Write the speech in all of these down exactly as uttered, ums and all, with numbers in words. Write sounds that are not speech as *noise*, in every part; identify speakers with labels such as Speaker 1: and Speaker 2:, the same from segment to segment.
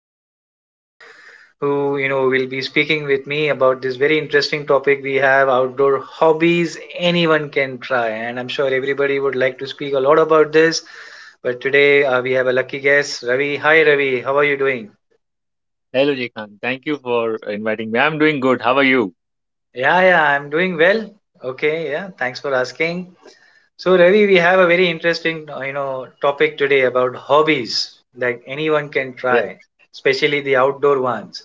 Speaker 1: Friend Ravi, who, you know, will be speaking with me about this very interesting topic we have outdoor hobbies anyone can try. And I'm sure everybody would like to speak a lot about this. But today uh, we have a lucky guest, Ravi. Hi, Ravi. How are you doing?
Speaker 2: Hello, Jikhan. Thank you for inviting me. I'm doing good. How are you?
Speaker 1: Yeah, yeah, I'm doing well. Okay, yeah. Thanks for asking. So Ravi, we have a very interesting, uh, you know, topic today about hobbies that anyone can
Speaker 2: Yes,
Speaker 1: try, especially the outdoor ones.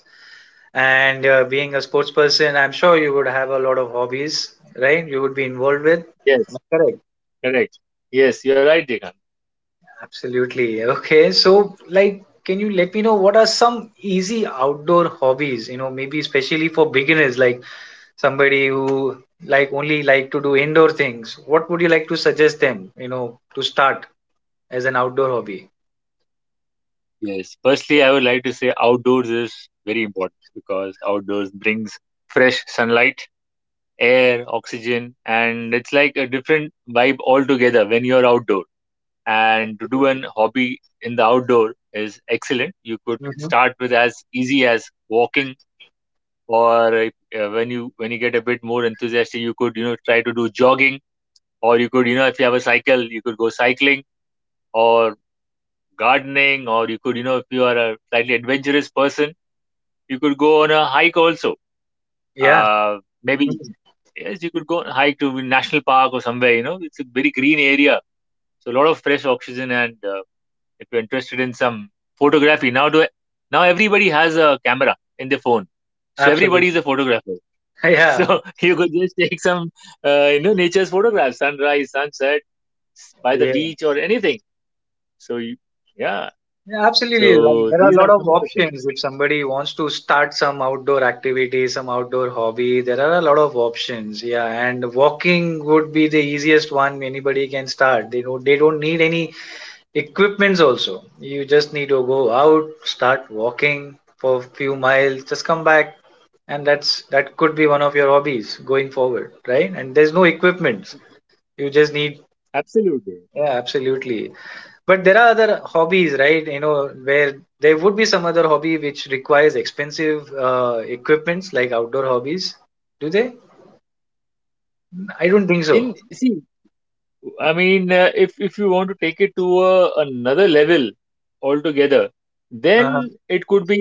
Speaker 1: And uh, being a sports person, I'm sure you would have a lot of hobbies, right? You would be involved with. Am
Speaker 2: yes,
Speaker 1: I correct?
Speaker 2: correct. Yes, you're right, Jikhan.
Speaker 1: Absolutely. Okay. So, like, can you let me know what are some easy outdoor hobbies? You know, maybe especially for beginners, like somebody who like only like to do indoor things. What would you like to suggest them? You know, to start as an outdoor hobby.
Speaker 2: Yes. Firstly, I would like to say outdoors is very important because outdoors brings fresh sunlight, air, oxygen, and it's like a different vibe altogether when you're outdoor. And to do an hobby in the outdoor is excellent. You could
Speaker 1: Hmm.
Speaker 2: start with as easy as walking, or uh, when you when you get a bit more enthusiastic, you could you know try to do jogging, or you could you know if you have a cycle, you could go cycling, or gardening, or you could you know if you are a slightly adventurous person, you could go on a hike also.
Speaker 1: Yeah.
Speaker 2: Uh maybe
Speaker 1: Mhm.
Speaker 2: Yes, you could go on a hike to a national park or somewhere, you know, it's a very green area, so a lot of fresh oxygen. And uh, if you're interested in some photography, now do now everybody has a camera in their phone, so everybody is
Speaker 1: Absolutely.
Speaker 2: a photographer.
Speaker 1: *laughs*
Speaker 2: *laughs*
Speaker 1: Yeah,
Speaker 2: So you could just take some uh, you know, nature's photographs, sunrise, sunset, by the
Speaker 1: yeah,
Speaker 2: beach or anything. So you, yeah.
Speaker 1: yeah,
Speaker 2: So
Speaker 1: absolutely. Like, there are a
Speaker 2: these are
Speaker 1: lot of
Speaker 2: some of the
Speaker 1: options
Speaker 2: things.
Speaker 1: if somebody wants to start some outdoor activity, some outdoor hobby. There are a lot of options. Yeah, and walking would be the easiest one anybody can start. They don't they don't need any equipments also. You just need to go out, start walking for a few miles, just come back, and that's that could be one of your hobbies going forward, right? And there's no equipments. You just need,
Speaker 2: Absolutely.
Speaker 1: yeah, absolutely. But there are other hobbies, right? You know, where there would be some other hobby which requires expensive uh, equipments like outdoor hobbies. Do they? I don't think so.
Speaker 2: In see, I mean, uh, if if you want to take it to a, another level altogether,
Speaker 1: Uh-huh.
Speaker 2: then it could be,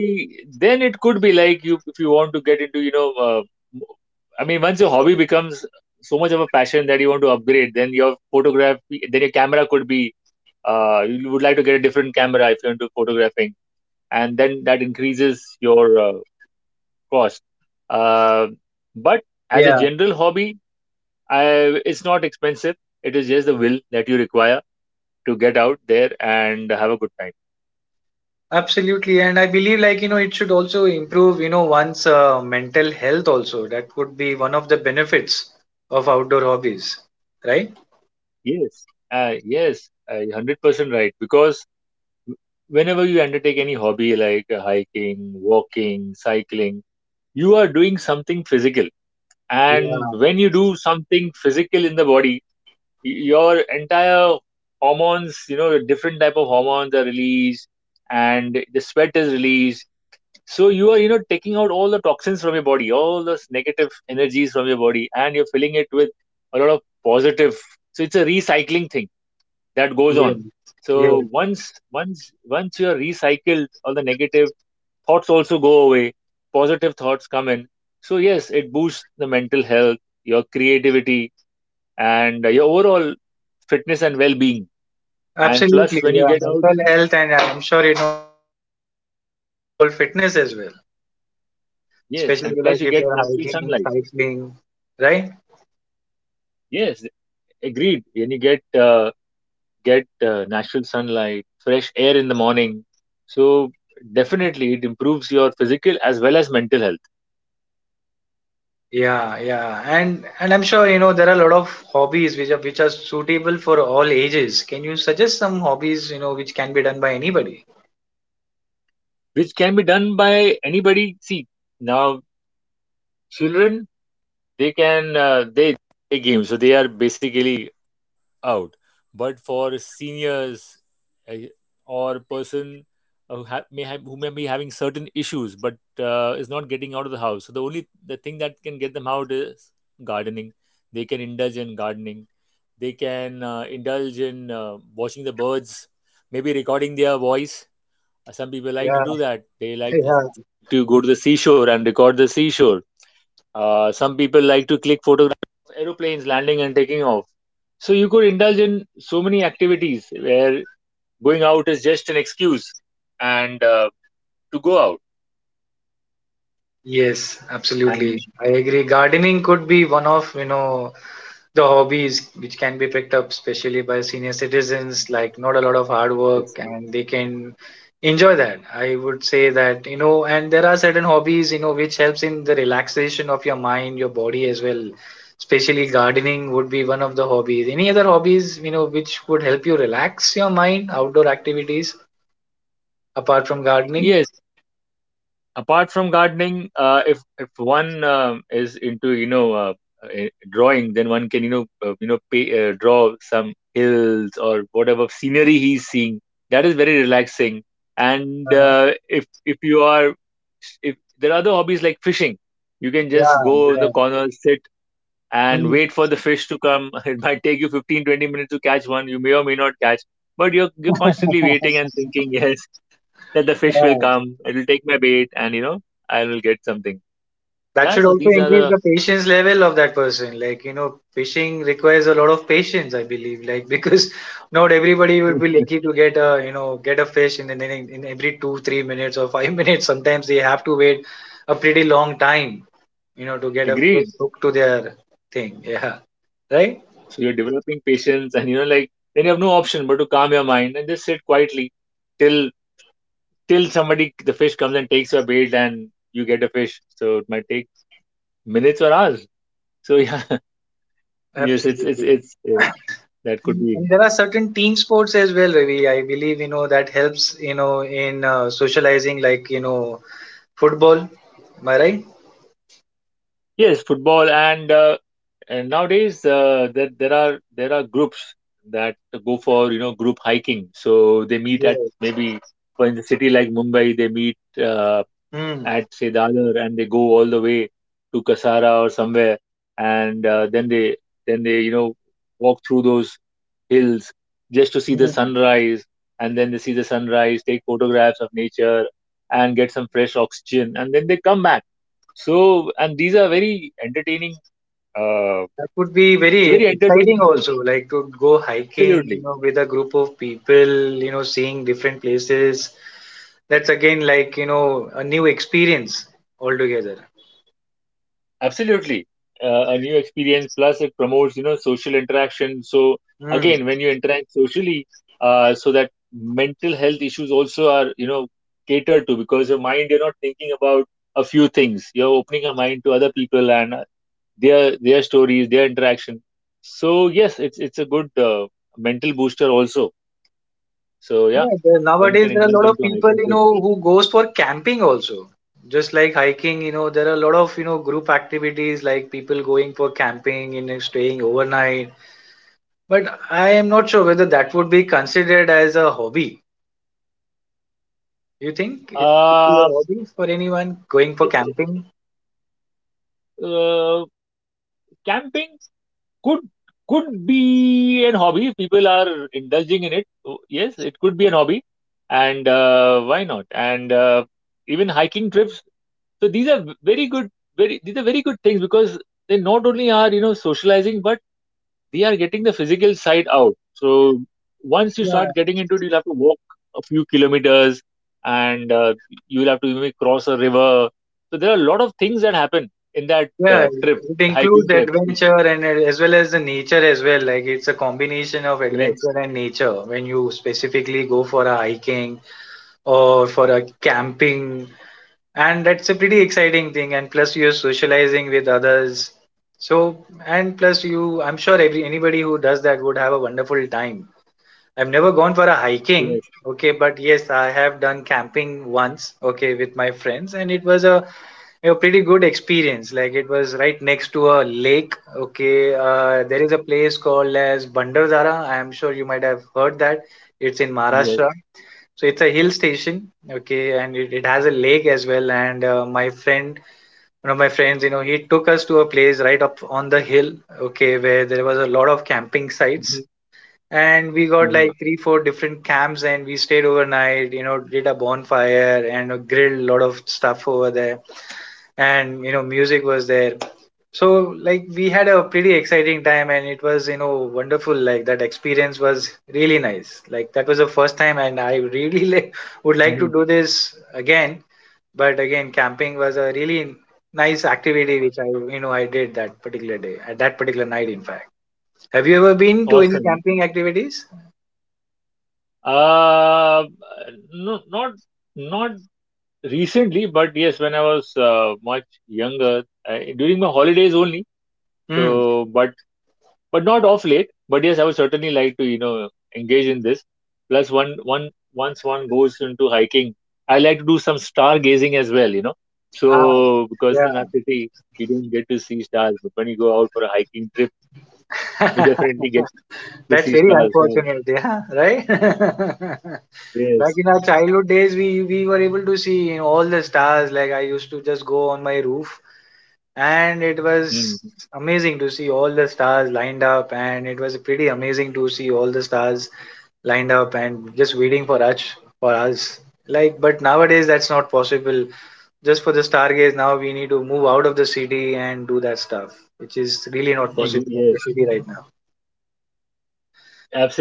Speaker 2: then it could be like, you, if you want to get into, you know, uh, m- I mean, once your hobby becomes so much of a passion that you want to upgrade, then your photograph, then your camera could be, uh, you would like to get a different camera if you're into photographing, and then that increases your uh, cost. Uh, but as a
Speaker 1: Yeah,
Speaker 2: general hobby, I, it's not expensive. It is just the will that you require to get out there and have a good time.
Speaker 1: absolutely. And I believe, like, you know, it should also improve, you know, one's uh, mental health also. That would be one of the benefits of outdoor hobbies, right?
Speaker 2: Yes, uh, yes, uh, one hundred percent right. Because w- whenever you undertake any hobby like uh, hiking, walking, cycling, you are doing something physical. And
Speaker 1: Yeah,
Speaker 2: when you do something physical in the body, y- your entire hormones, you know, different type of hormones are released, and the sweat is released. So you are, you know, taking out all the toxins from your body, all those negative energies from your body, and you're filling it with a lot of positive. So it's a recycling thing that goes
Speaker 1: yeah.
Speaker 2: on.
Speaker 1: Yeah,
Speaker 2: So once, once, once you're recycled, all the negative thoughts also go away. Positive thoughts come in. So yes, it boosts the mental health, your creativity, and your overall fitness and well-being. And plus,
Speaker 1: absolutely.
Speaker 2: when you
Speaker 1: Yeah,
Speaker 2: get out,
Speaker 1: mental health, and I'm sure you know it will- helps with uh, the overall fitness as well,
Speaker 2: yes, and
Speaker 1: especially
Speaker 2: plus
Speaker 1: like
Speaker 2: you
Speaker 1: if
Speaker 2: get
Speaker 1: you're
Speaker 2: natural
Speaker 1: hiking,
Speaker 2: sunlight.
Speaker 1: cycling, right?
Speaker 2: Yes, agreed. When you get uh, get uh, natural sunlight, fresh air in the morning. So definitely it improves your physical as well as mental health,
Speaker 1: Yeah, yeah, and and I'm sure you know there are a lot of hobbies which are which are suitable for all ages. Can you suggest some hobbies you know which can be done by anybody?
Speaker 2: which can be done by anybody. See, now children
Speaker 1: Yeah. *laughs* Yeah.
Speaker 2: could indulge in so many activities where going out is just an excuse, and uh, to go out
Speaker 1: Yes, absolutely.
Speaker 2: and
Speaker 1: I agree. Gardening could be one of you know the hobbies which can be picked up, especially by senior citizens, like not a lot of hard work
Speaker 2: yes,
Speaker 1: and they can enjoy that. I would say that. You know and there are certain hobbies, you know which helps in the relaxation of your mind, your body as well, especially gardening would be one of the hobbies. Any other hobbies, you know which would help you relax your mind, outdoor activities apart from gardening?
Speaker 2: yes, apart from gardening, uh, if if one um, is into, you know, uh, uh, drawing, then one can, you know, uh, you know pay, uh, draw some hills or whatever scenery he's seeing, that is very relaxing. And
Speaker 1: uh,
Speaker 2: uh, if if you are if there are other hobbies like fishing, you can
Speaker 1: yeah.
Speaker 2: just go in the
Speaker 1: Yeah.
Speaker 2: corner, sit and
Speaker 1: Hmm.
Speaker 2: wait for the fish to come. *laughs* It might take you fifteen, twenty minutes to catch one. You may or may not catch, but you're, you're constantly waiting and thinking, *laughs* yes, that the fish will
Speaker 1: *laughs*
Speaker 2: come. It will take my bait and, you know, I will get something.
Speaker 1: That
Speaker 2: Yeah,
Speaker 1: should
Speaker 2: so
Speaker 1: also
Speaker 2: these are
Speaker 1: increase
Speaker 2: the
Speaker 1: the patience level of that person. Like, you know, fishing requires a lot of patience, I believe. Like, *laughs* because not everybody would be
Speaker 2: *laughs*
Speaker 1: lucky to get a, you know, get a fish in, in, in every two, three minutes or five *laughs* minutes. Sometimes they have to wait a pretty long time, you know, to get a fish
Speaker 2: agreed.
Speaker 1: hooked to their thing. Yeah. Right?
Speaker 2: So you're developing patience and, you know, like then you have no option but to calm your mind and just sit quietly, till till somebody the fish comes and takes your bait and you get a fish. So it might take minutes or hours. So yeah, *laughs* yes, it's it's
Speaker 1: Absolutely.
Speaker 2: it's uh, that could
Speaker 1: And
Speaker 2: be.
Speaker 1: and there are certain team sports as well, Ravi. I believe, you know, that helps, you know, in uh, socializing, like, you know, football. Am I right?
Speaker 2: Yes, football and uh, and nowadays uh, there there are there are groups that go for, you know, group hiking. So they meet at maybe, for in the city like Mumbai, they meet uh,
Speaker 1: Yes.
Speaker 2: at say Dalar and they go all the way to Kasara or somewhere, and uh, then they then they you know, walk through those hills just to see the
Speaker 1: Hmm.
Speaker 2: sunrise, and then they see the sunrise, take photographs of nature and get some fresh oxygen, and then they come back. So, and these are very entertaining, uh,
Speaker 1: That would be
Speaker 2: it's a
Speaker 1: very
Speaker 2: very
Speaker 1: exciting
Speaker 2: entertaining trip,
Speaker 1: also, like to go hiking, you
Speaker 2: absolutely.
Speaker 1: know, with a group of people, you know, seeing different places. That's again like, you know, a new experience altogether.
Speaker 2: Absolutely. Uh, a new experience, plus it promotes, you know, social interaction. So
Speaker 1: Hmm.
Speaker 2: again, when you interact socially, uh, so that mental health issues also are, you know, catered to, because your mind, you're not thinking about a few things. You're opening your mind to other people and uh, their their stories, their interaction. So yes, it's it's a good uh, mental booster also. So yeah,
Speaker 1: Yeah, there,
Speaker 2: one
Speaker 1: nowadays
Speaker 2: can
Speaker 1: there are a
Speaker 2: indulge
Speaker 1: lot of
Speaker 2: into
Speaker 1: people,
Speaker 2: hiking
Speaker 1: you
Speaker 2: trips.
Speaker 1: know, who goes for camping also. Just like hiking, you know, there are a lot of, you know, group activities like people going for camping, you know, staying overnight. But I am not sure whether that would be considered as a hobby. You think it would be a
Speaker 2: Uh,
Speaker 1: hobby for anyone going for
Speaker 2: it- it-
Speaker 1: camping?
Speaker 2: uh, Camping could could be an hobby if people are indulging in it. Oh, yes, it could be an hobby. And uh, why not? And uh, even hiking trips, so these are very good, very these are very good things, because they not only are you, know, socializing, but they are getting the physical side out. So once you start
Speaker 1: Yeah,
Speaker 2: getting into it, you'll have to walk a few kilometers, and uh, you'll have to maybe cross a river. So there are a lot of things that happen in that
Speaker 1: yeah.
Speaker 2: uh, trip,
Speaker 1: It
Speaker 2: the
Speaker 1: includes
Speaker 2: hiking trip,
Speaker 1: adventure and a- as well as the nature as well. Like it's a combination of
Speaker 2: yes.
Speaker 1: adventure and nature when you specifically go for a hiking or for a camping, and that's a pretty exciting thing. And plus, you're socializing with others. So, and plus, you, I'm sure every anybody who does that would have a wonderful time. I've never gone for a hiking,
Speaker 2: Yes,
Speaker 1: okay, but yes, I have done camping once, okay, with my friends, and it was a, a pretty good experience. Like it was right next to a lake, okay. Uh, there is a place called as Bandarzara. I am sure you might have heard that. It's in
Speaker 2: yes.
Speaker 1: Maharashtra, so it's a hill station, okay, and it, it has a lake as well. And uh, my friend, one of my friends, you know, he took us to a place right up on the hill, okay, where there was a lot of camping sites,
Speaker 2: Mhm,
Speaker 1: and we got like
Speaker 2: huh.
Speaker 1: three four different camps, and we stayed overnight. You know did a bonfire, and uh, grilled a lot of stuff over there. And you know music was there, so like we had a pretty exciting time. And it was, you know wonderful. Like that experience was really nice. Like that was the first time, and I really *laughs* like, would like to
Speaker 2: Mhm.
Speaker 1: do this again. But again, camping was a really nice activity which I you know I did that particular day, at that particular night in fact. Have you ever been to any
Speaker 2: Awesome, man.
Speaker 1: camping activities?
Speaker 2: Uh, no, not not recently, but yes, when I was uh, much younger, uh, during my holidays only.
Speaker 1: Hmm.
Speaker 2: So, but but not off late. But yes, I would certainly like to, you know, engage in this. Plus, one one once one goes into hiking, I like to do some stargazing as well, you know.
Speaker 1: Ah,
Speaker 2: So, because in our city, you don't get to see stars, but when you go out for a hiking trip, you
Speaker 1: yeah. *laughs*
Speaker 2: definitely get to
Speaker 1: That's
Speaker 2: see
Speaker 1: very
Speaker 2: stars. So.
Speaker 1: unfortunate. Yeah, right? *laughs* Back
Speaker 2: Yes.
Speaker 1: in our childhood days, we we were able to see, you know, all the stars. Like I used to just go on my roof, and it
Speaker 2: Mm.
Speaker 1: was amazing to see all the stars lined up, and it was pretty amazing to see all the stars lined up and just waiting for us for us. Like, but nowadays that's not possible. Just for the stargaze, now we need to move out of the city and do that stuff, which is really not
Speaker 2: Ex-
Speaker 1: possible in the
Speaker 2: Yes.
Speaker 1: city right now.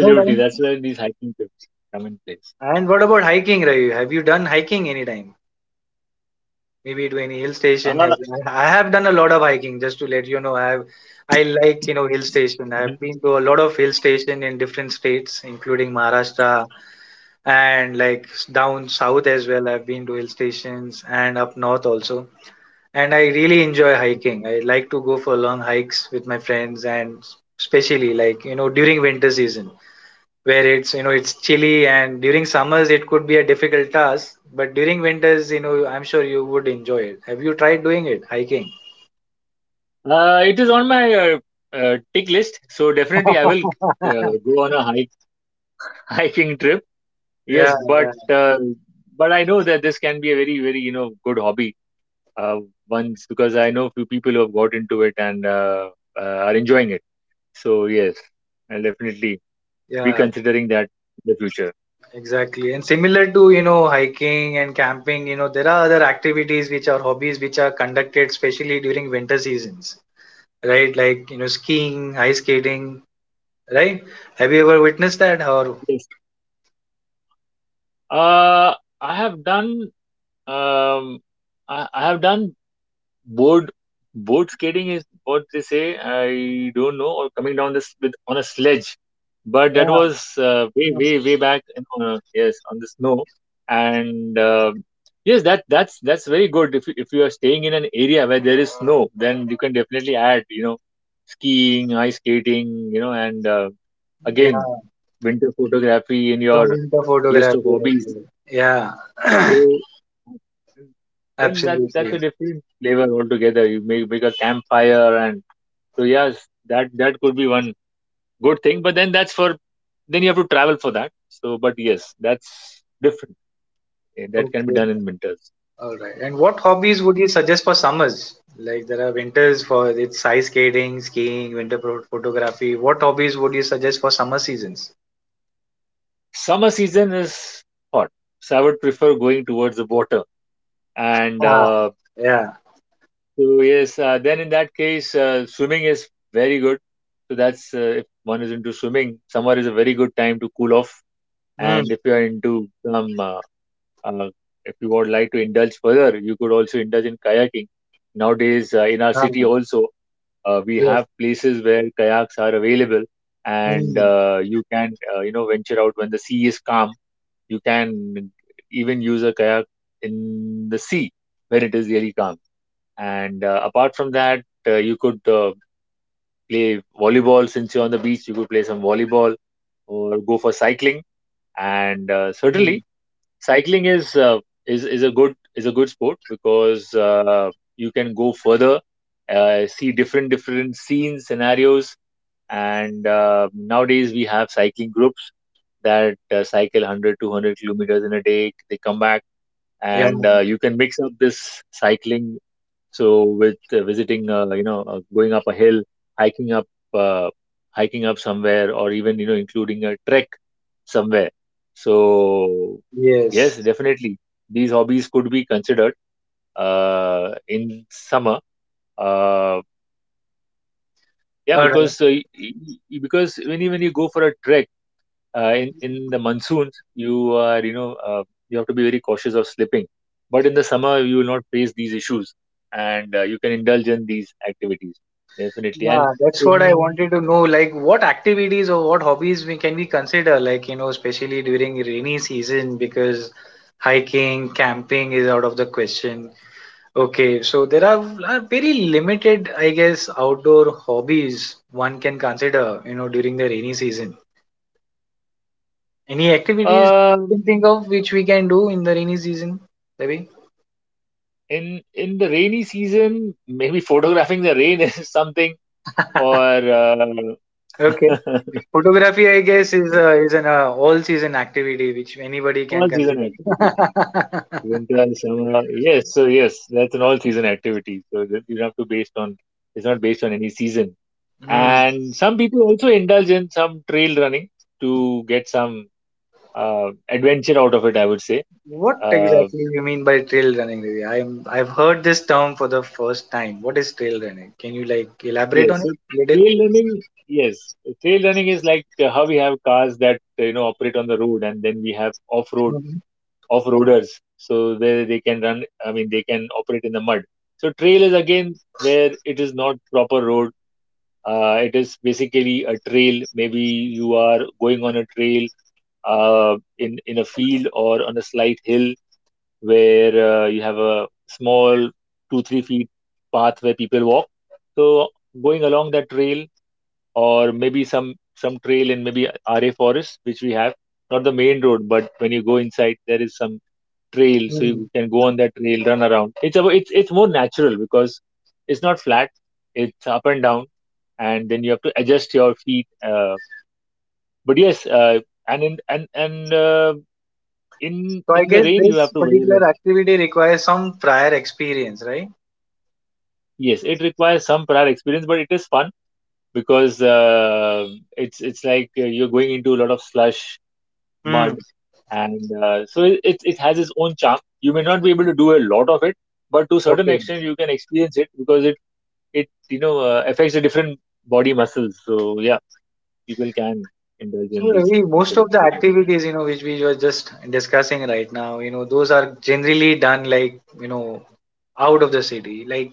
Speaker 1: All
Speaker 2: That's
Speaker 1: right.
Speaker 2: where these hiking trips come in place.
Speaker 1: And what about hiking, Ravi? Have you done hiking anytime? Maybe to any hill
Speaker 2: Uh,
Speaker 1: station? Have- I I have done a lot of hiking, just to let you know. I have, I like, you know, hill station.
Speaker 2: mhm.
Speaker 1: I've been to a lot of hill station in different states, including Maharashtra, and like s- down south as well. I've been to hill stations and up north also. And I really enjoy hiking. I like to go for long hikes with my friends, and s- especially like, you know, during winter season, where it's you know it's chilly, and during summers it could be a difficult task, but during winters you know I'm sure you would enjoy it. Have you tried doing it, hiking?
Speaker 2: uh, it is on my uh, uh, tick list, so definitely I will
Speaker 1: *laughs* Yeah.
Speaker 2: uh, go on a hike, *laughs* hiking trip.
Speaker 1: Yeah.
Speaker 2: Yes, but uh, but I know that this can be a very very, you know, good hobby, uh, once, because I know few people who have got into it, and uh, uh, are enjoying it. So yes, I'll definitely be
Speaker 1: Yeah,
Speaker 2: considering that in the future.
Speaker 1: exactly, and similar to you know hiking and camping, you know there are other activities which are hobbies, which are conducted especially during winter seasons, right? Like, you know skiing, ice skating, right? Have you ever witnessed that, or?
Speaker 2: Yes. Uh, I have done, Um, I, I have done board board skating, is what they say. I don't know, or coming down this with on a sledge, but that
Speaker 1: Yeah.
Speaker 2: was uh, way
Speaker 1: Yes,
Speaker 2: way way back in, on a, yes, on the snow, and um, yes, that that's that's very good. If you, if you are staying in an area where there is snow, then you can definitely add, you know, skiing, ice skating, you know, and uh,
Speaker 1: yeah,
Speaker 2: again, winter photography in
Speaker 1: some
Speaker 2: your
Speaker 1: winter
Speaker 2: list of
Speaker 1: photography as
Speaker 2: hobbies.
Speaker 1: well. Yeah.
Speaker 2: So
Speaker 1: *clears throat*
Speaker 2: then that that's
Speaker 1: Absolutely.
Speaker 2: a different flavor altogether. You make make a campfire and so yes, that that could be one good thing. But then that's for, then you have to travel for that. So but yes, that's different. Eh, that can be
Speaker 1: Okay.
Speaker 2: done in winters.
Speaker 1: All right. And what
Speaker 2: Mm.
Speaker 1: hobbies would you suggest for summers? Like there are winters for it's ice skating, skiing, winter pro- photography. What hobbies would you suggest for summer seasons?
Speaker 2: Summer season is hot, so I would prefer going towards the water. And
Speaker 1: Ah,
Speaker 2: uh,
Speaker 1: yeah.
Speaker 2: so yes, uh, then in that case, uh, swimming is very good. So that's uh, if one is into swimming, summer is a very good time to cool off.
Speaker 1: Mm.
Speaker 2: And if you are into some, uh, uh, if you would like to indulge further, you could also indulge in kayaking. Nowadays, uh, in our
Speaker 1: Ah,
Speaker 2: city also, uh, we
Speaker 1: yes.
Speaker 2: have places where kayaks are available, and
Speaker 1: Mm.
Speaker 2: uh, you can, uh, you know, venture out when the sea is calm. You can even use a kayak in the sea when it is really calm. And uh, apart from that, uh, you could uh, play volleyball, since you're on the beach. You could play some volleyball or go for cycling. And uh, certainly,
Speaker 1: Mm.
Speaker 2: cycling is uh, is is a good, is a good sport, because uh, you can go further, uh, see different different scenes, scenarios. And uh, nowadays we have cycling groups that uh, cycle 100 200 kilometers in a day, they come back,
Speaker 1: Yeah.
Speaker 2: and uh, you can mix up this cycling, so with uh, visiting, uh, you know, uh, going up a hill, hiking up, uh, hiking up somewhere, or even, you know, including a trek somewhere. So yes,
Speaker 1: Yes.
Speaker 2: definitely these hobbies could be considered uh, in summer. Uh, yeah,
Speaker 1: All right.
Speaker 2: because uh, y- y- y- because when you, when you go for a trek, uh, in in the monsoons you are you know uh, you have to be very cautious of slipping, but in the summer you will not face these issues, and uh, you can indulge in these activities definitely. And
Speaker 1: Yeah, that's what I
Speaker 2: in
Speaker 1: wanted to know. Like, what activities or what hobbies we can we consider? Like, you know, especially during rainy season, because hiking, camping is out of the question. Okay, so there are uh, very limited, I guess, outdoor hobbies one can consider, you know, during the rainy season. Any activities you
Speaker 2: um
Speaker 1: can think of which we can do in the rainy season, Devi?
Speaker 2: in in the rainy season maybe photographing the rain *laughs* is something. Or uh,
Speaker 1: Okay.
Speaker 2: *laughs*
Speaker 1: Photography, I guess, is a, is an uh, all-season activity which anybody
Speaker 2: all
Speaker 1: can
Speaker 2: season
Speaker 1: consider.
Speaker 2: activity,
Speaker 1: *laughs*
Speaker 2: winter, summer, yes. So yes, that's an all season activity, so that you don't have to based on, it's not based on any season.
Speaker 1: Hmm.
Speaker 2: And some people also indulge in some trail running to get some uh, adventure out of it, I would say.
Speaker 1: What
Speaker 2: Uh,
Speaker 1: exactly you mean by trail running, Devi? I'm I've heard this term for the first time. What is trail running? Can you like elaborate on
Speaker 2: yes, so
Speaker 1: it a
Speaker 2: trail running, yes, trail running is like uh, how we have cars that uh, you know operate on the road, and then we have off-road
Speaker 1: little?
Speaker 2: off-roaders, so they they can run. I mean, they can operate in the mud. So trail is again where it is not proper road. Uh, it is basically a trail. Maybe you are going on a trail uh, in in a field or on a slight hill where uh, you have a small two three feet path where people walk, so going along that trail, or maybe some some trail in maybe ra forest which we have, not the main road, but when you go inside there is some trail, so
Speaker 1: Hmm.
Speaker 2: you can go on that trail, run around. It's about, it's it's more natural because it's not flat, it's up and down, and then you have to adjust your feet. Uh, but yes uh, and in and and uh, in
Speaker 1: So I
Speaker 2: in the
Speaker 1: guess
Speaker 2: rain you
Speaker 1: this
Speaker 2: have to wear a.
Speaker 1: particular activity requires some prior experience, right?
Speaker 2: Yes, it requires some prior experience, but it is fun because uh, it's it's like uh, you're going into a lot of slush,
Speaker 1: Hmm.
Speaker 2: mud, and uh, so it, it it has its own charm. You may not be able to do a lot of it, but to a certain
Speaker 1: Okay.
Speaker 2: extent you can experience it because it it you know uh, affects the different body muscles. So yeah, people can indulge
Speaker 1: So
Speaker 2: in these
Speaker 1: Ravi, most of
Speaker 2: activities.
Speaker 1: the
Speaker 2: This activity.
Speaker 1: activities, you know, which we were just discussing right now, you know, those are generally done like, you know, out of the city. Like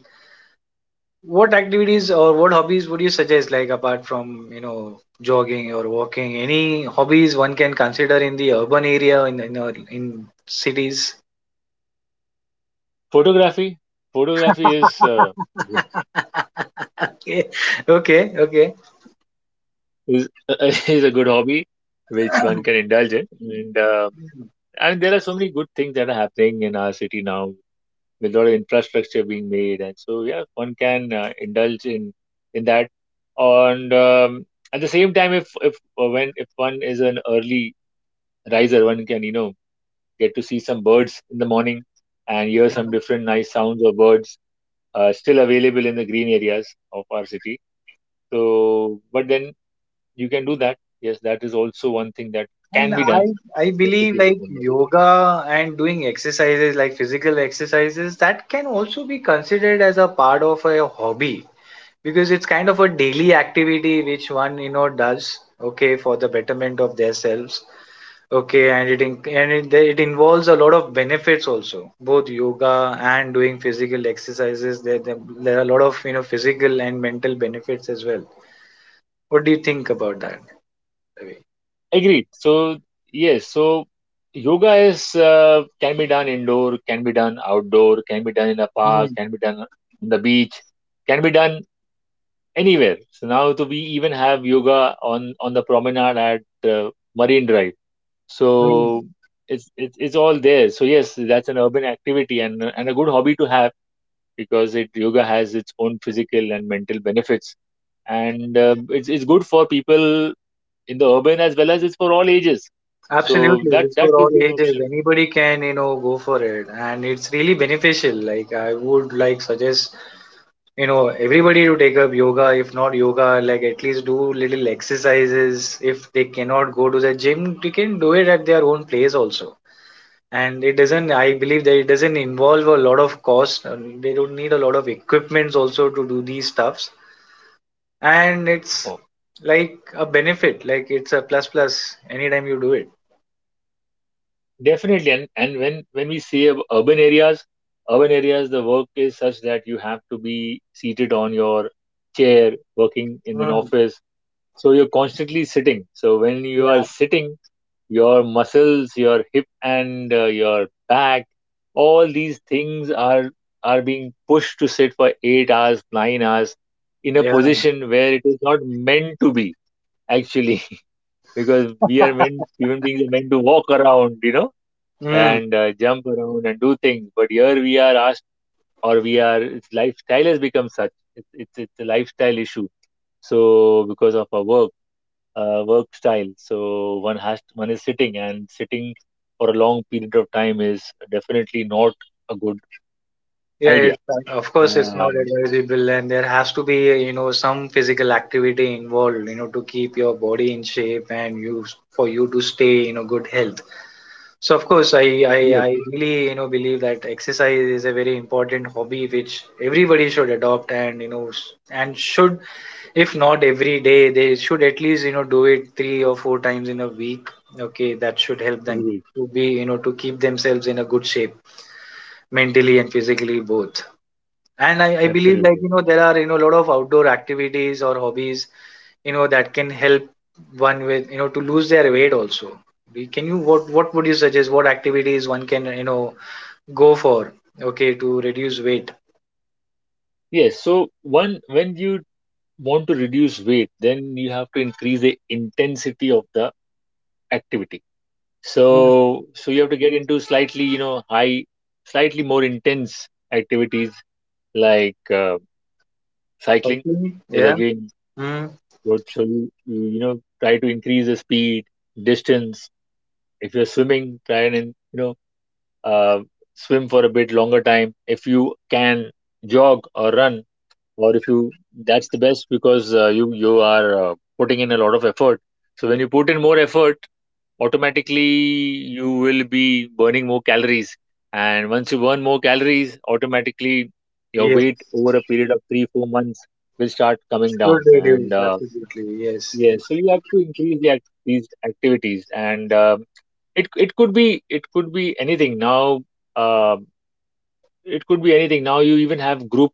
Speaker 1: what activities or what hobbies would you suggest, like apart from, you know, jogging or walking, any hobbies one can consider in the urban area, in in, our- in cities?
Speaker 2: Photography, photography is uh,
Speaker 1: *laughs* Okay, okay, okay.
Speaker 2: is *laughs* is a good hobby which one can indulge in. and um And there are so many good things that are happening in our city now, with a lot of infrastructure being made, and so yeah, one can uh, indulge in in that. And um, At the same time, if if uh, when if one is an early riser, one can you know get to see some birds in the morning and hear some
Speaker 1: *clears throat*
Speaker 2: different nice sounds of birds uh, still available in the green areas of our city. So, but then you can do that. Yes, that is also one thing that
Speaker 1: And
Speaker 2: can be
Speaker 1: I
Speaker 2: done
Speaker 1: I
Speaker 2: in a
Speaker 1: believe
Speaker 2: city like
Speaker 1: like
Speaker 2: Mumbai.
Speaker 1: yoga and doing exercises like physical exercises that can also be considered as a part of a hobby because it's kind of a daily activity which one you know does okay for the betterment of themselves. Okay, and it in, and it, it involves a lot of benefits also. Both yoga and doing physical exercises, there, there there are a lot of you know physical and mental benefits as well. What do you think about that, Ravi?
Speaker 2: Agreed. So yes, so yoga is uh, can be done indoor, can be done outdoor, can be done in a park,
Speaker 1: Hmm,
Speaker 2: can be done on the beach, can be done anywhere. So now to we even have yoga on on the promenade at uh, Marine Drive.
Speaker 1: hmm.
Speaker 2: So it's it's it's all there. So yes, that's an urban activity and a- and a good hobby to have because it yoga has its own physical and mental benefits, and uh, it's it's good for people in the urban as well as it's for all ages. So
Speaker 1: Absolutely,
Speaker 2: that
Speaker 1: it's for
Speaker 2: that
Speaker 1: all
Speaker 2: could be an
Speaker 1: ages.
Speaker 2: option.
Speaker 1: Anybody can, you know, go for it, and it's really beneficial. Like I would like suggest, you know, everybody to take up yoga. If not yoga, like at least do little exercises. If they cannot go to the gym, they can do it at their own place also. And it doesn't. I believe that it doesn't involve a lot of cost, and they don't need a lot of equipments also to do these stuffs, and it's
Speaker 2: No,
Speaker 1: like a benefit. Like it's a plus plus anytime you do it.
Speaker 2: definitely. And and when when we say ab- urban areas, urban areas, the work is such that you have to be seated on your chair, working in an
Speaker 1: Mm,
Speaker 2: office. So you're constantly sitting. So when you are sitting, your muscles, your hip and uh, your back, all these things are are being pushed to sit for eight hours, nine hours in a
Speaker 1: yeah.
Speaker 2: position where it is not meant to be actually, *laughs* because we are meant, human beings are meant to walk around, you know,
Speaker 1: Mm,
Speaker 2: and uh, jump around and do things, but here we are asked, or we are, it's lifestyle has become such, it's it's, it's a lifestyle issue. So because of our work, uh, work style, so one has to, one is sitting, and sitting for a long period of time is definitely not a good
Speaker 1: yeah, it,
Speaker 2: idea.
Speaker 1: of course, it's not
Speaker 2: um,
Speaker 1: advisable, and there has to be, you know, some physical activity involved, you know, to keep your body in shape and you for you to stay, you know, good health. So, of course, I, I,
Speaker 2: yes,
Speaker 1: I really, you know, believe that exercise is a very important hobby which everybody should adopt and, you know, s- and should, if not every day, they should at least, you know, do it three or four times in a week. Okay, that should help them
Speaker 2: agreed.
Speaker 1: to be, you know, to keep themselves in a good shape, mentally and physically both. And I, I believe like,
Speaker 2: Absolutely,
Speaker 1: you know, there are, you know, a lot of outdoor activities or hobbies, you know, that can help one with, you know, to lose their weight also. We- can you, what what would you suggest, what activities one can, you know, go for, okay, to reduce weight?
Speaker 2: yes. So one, when you want to reduce weight, then you have to increase the intensity of the activity. so
Speaker 1: Mm,
Speaker 2: so you have to get into slightly, you know, high, slightly more intense activities, like uh, cycling
Speaker 1: okay.
Speaker 2: is
Speaker 1: Yeah,
Speaker 2: again
Speaker 1: mm,
Speaker 2: good. So you, you you know try to increase the speed, distance. If you're swimming, try and, you know, uh, swim for a bit longer time if you can. Jog or run, or if you, that's the best because uh, you you are uh, putting in a lot of effort. So when you put in more effort, automatically you will be burning more calories, and once you burn more calories, automatically your
Speaker 1: yeah,
Speaker 2: weight over a period of three four months will start coming
Speaker 1: should
Speaker 2: down. And
Speaker 1: reduce,
Speaker 2: uh,
Speaker 1: absolutely, yes, yes.
Speaker 2: yes, so you have to increase the act- these activities. And um it it could be it could be anything now um it could be anything. Now you even have group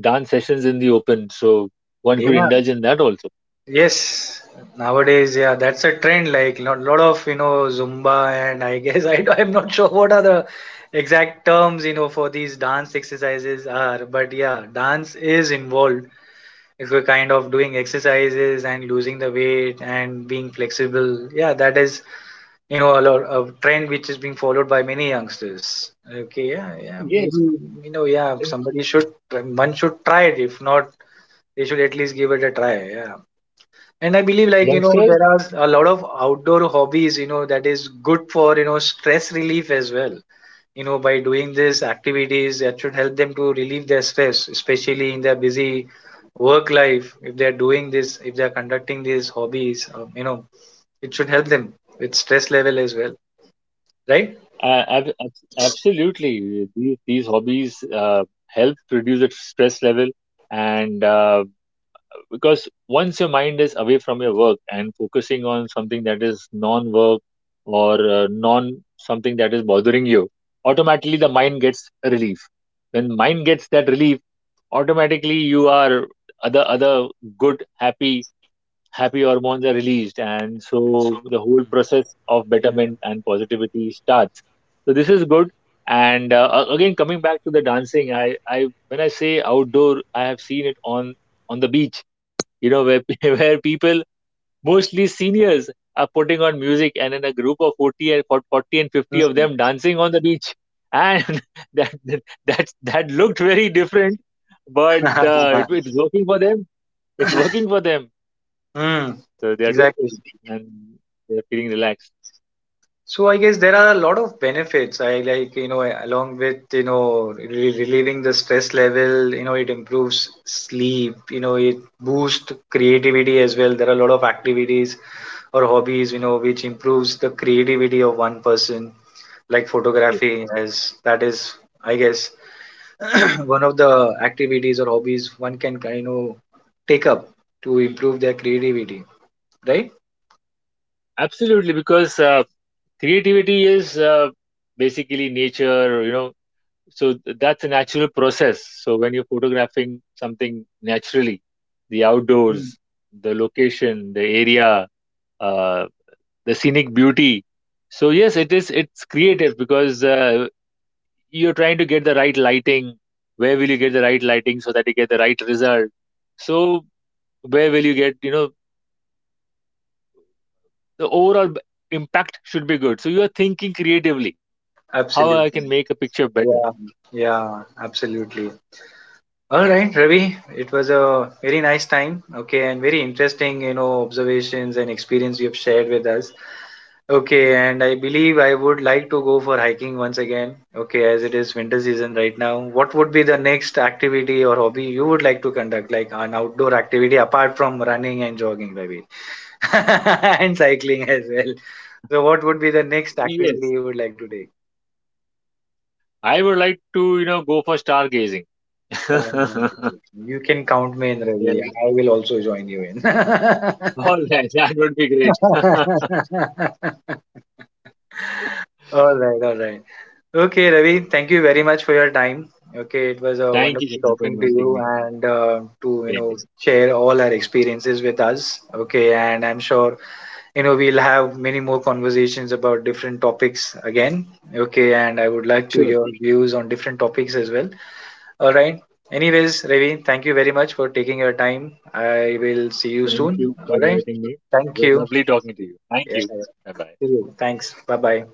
Speaker 2: dance sessions in the open, so one could
Speaker 1: Yeah.
Speaker 2: indulge in that also.
Speaker 1: Yes, nowadays, yeah, that's a trend. Like lot, lot of, you know, Zumba, and I guess I *laughs* I'm not sure what are the exact terms, you know, for these dance exercises are. But yeah, dance is involved if you're kind of doing exercises and losing the weight and being flexible. Yeah, that is, you know, a lot a trend which is being followed by many youngsters. Okay, yeah, yeah, maybe,
Speaker 2: Yes,
Speaker 1: you know, yeah,
Speaker 2: and
Speaker 1: somebody should, one should try it. If not, they should at least give it a try. Yeah. And I believe like, you know, there
Speaker 2: youngsters,
Speaker 1: are a lot of outdoor hobbies, you know, that is good for, you know, stress relief as well. You know, by doing these activities that should help them to relieve their stress, especially in their busy work life. If they're doing this, if they're conducting these hobbies, um, you know, it should help them with stress level as well, right?
Speaker 2: uh, ab- abs- absolutely. These, these hobbies uh, help reduce the stress level. And uh, because once your mind is away from your work and focusing on something that is non work or uh, non something that is bothering you, automatically the mind gets a relief. When mind gets that relief, automatically you are, other other good, happy happy hormones are released, and so the whole process of betterment and positivity starts. So this is good. And uh, a- again, coming back to the dancing, I I when I say outdoor, I have seen it on on the beach, you know, where *laughs* where people, mostly seniors, are putting on music, and in a group of forty and for- forty and fifty of
Speaker 1: Mm.
Speaker 2: them dancing on the beach. And *laughs* that that that that looked very different, but uh, it,
Speaker 1: *laughs*
Speaker 2: it's working for them, it's working for them.
Speaker 1: Hmm.
Speaker 2: So they are doing
Speaker 1: Exactly.
Speaker 2: it, and they are feeling relaxed.
Speaker 1: So I guess there are a lot of benefits. I like, you know, along with, you know, re relieving the stress level, you know, it improves sleep, you know, it boosts creativity as well. There are a lot of activities or hobbies, you know, which improves the creativity of one person, like
Speaker 2: Yes,
Speaker 1: photography, as that is, I guess, *clears throat* one of the activities or hobbies one can, you know, take up to improve their creativity, right?
Speaker 2: absolutely. Because uh, creativity is, uh, basically nature, you know, so th- that's a natural process. So when you're photographing something naturally, the outdoors, the location, the area, uh, the scenic beauty, so yes it is, it's creative because uh, you're trying to get the right lighting. Where will you get the right lighting so that you get the right result? So where will you get, you know, the overall b- impact should be good, so you are thinking creatively how I can make a
Speaker 1: Absolutely.
Speaker 2: picture better.
Speaker 1: Yeah. Yeah. Absolutely. All right, Ravi. It was a very nice time. Okay, and very interesting, you know, observations and experience you have shared with us. Okay, and I believe I would like to go for hiking once again. Okay, as it is winter season right now. What would be the next activity or hobby you would like to conduct, like an outdoor activity apart from running and jogging, Ravi, *laughs* and cycling as well? So, what would be the next
Speaker 2: Yes,
Speaker 1: activity you would like to take?
Speaker 2: I would like to, you know, go for stargazing.
Speaker 1: Sounds.
Speaker 2: *laughs*
Speaker 1: You can count me in,
Speaker 2: Yeah,
Speaker 1: Ravi. I will also join you in. *laughs*
Speaker 2: all right. That would be great. *laughs*
Speaker 1: All right, all right. Okay, Ravi, thank you very much for your time. Okay, it was a
Speaker 2: Thank you,
Speaker 1: wonderful
Speaker 2: Shekhar, for
Speaker 1: talking to
Speaker 2: inviting
Speaker 1: you
Speaker 2: me.
Speaker 1: and uh, to, you
Speaker 2: Same
Speaker 1: know,
Speaker 2: here.
Speaker 1: share all our experiences with us. Okay, and I'm sure you know we'll have many more conversations about different topics again. Okay, and I would like to
Speaker 2: Sure.
Speaker 1: your views on different topics as well. All right. Anyways, Ravi, thank you very much for taking your time. I will see you
Speaker 2: Thank
Speaker 1: soon.
Speaker 2: you
Speaker 1: All
Speaker 2: for
Speaker 1: right.
Speaker 2: inviting me. It
Speaker 1: Thank
Speaker 2: was
Speaker 1: you.
Speaker 2: lovely talking to you. Thank
Speaker 1: Yes. I
Speaker 2: you.
Speaker 1: will.
Speaker 2: Bye bye.
Speaker 1: See you. Thanks. Bye bye.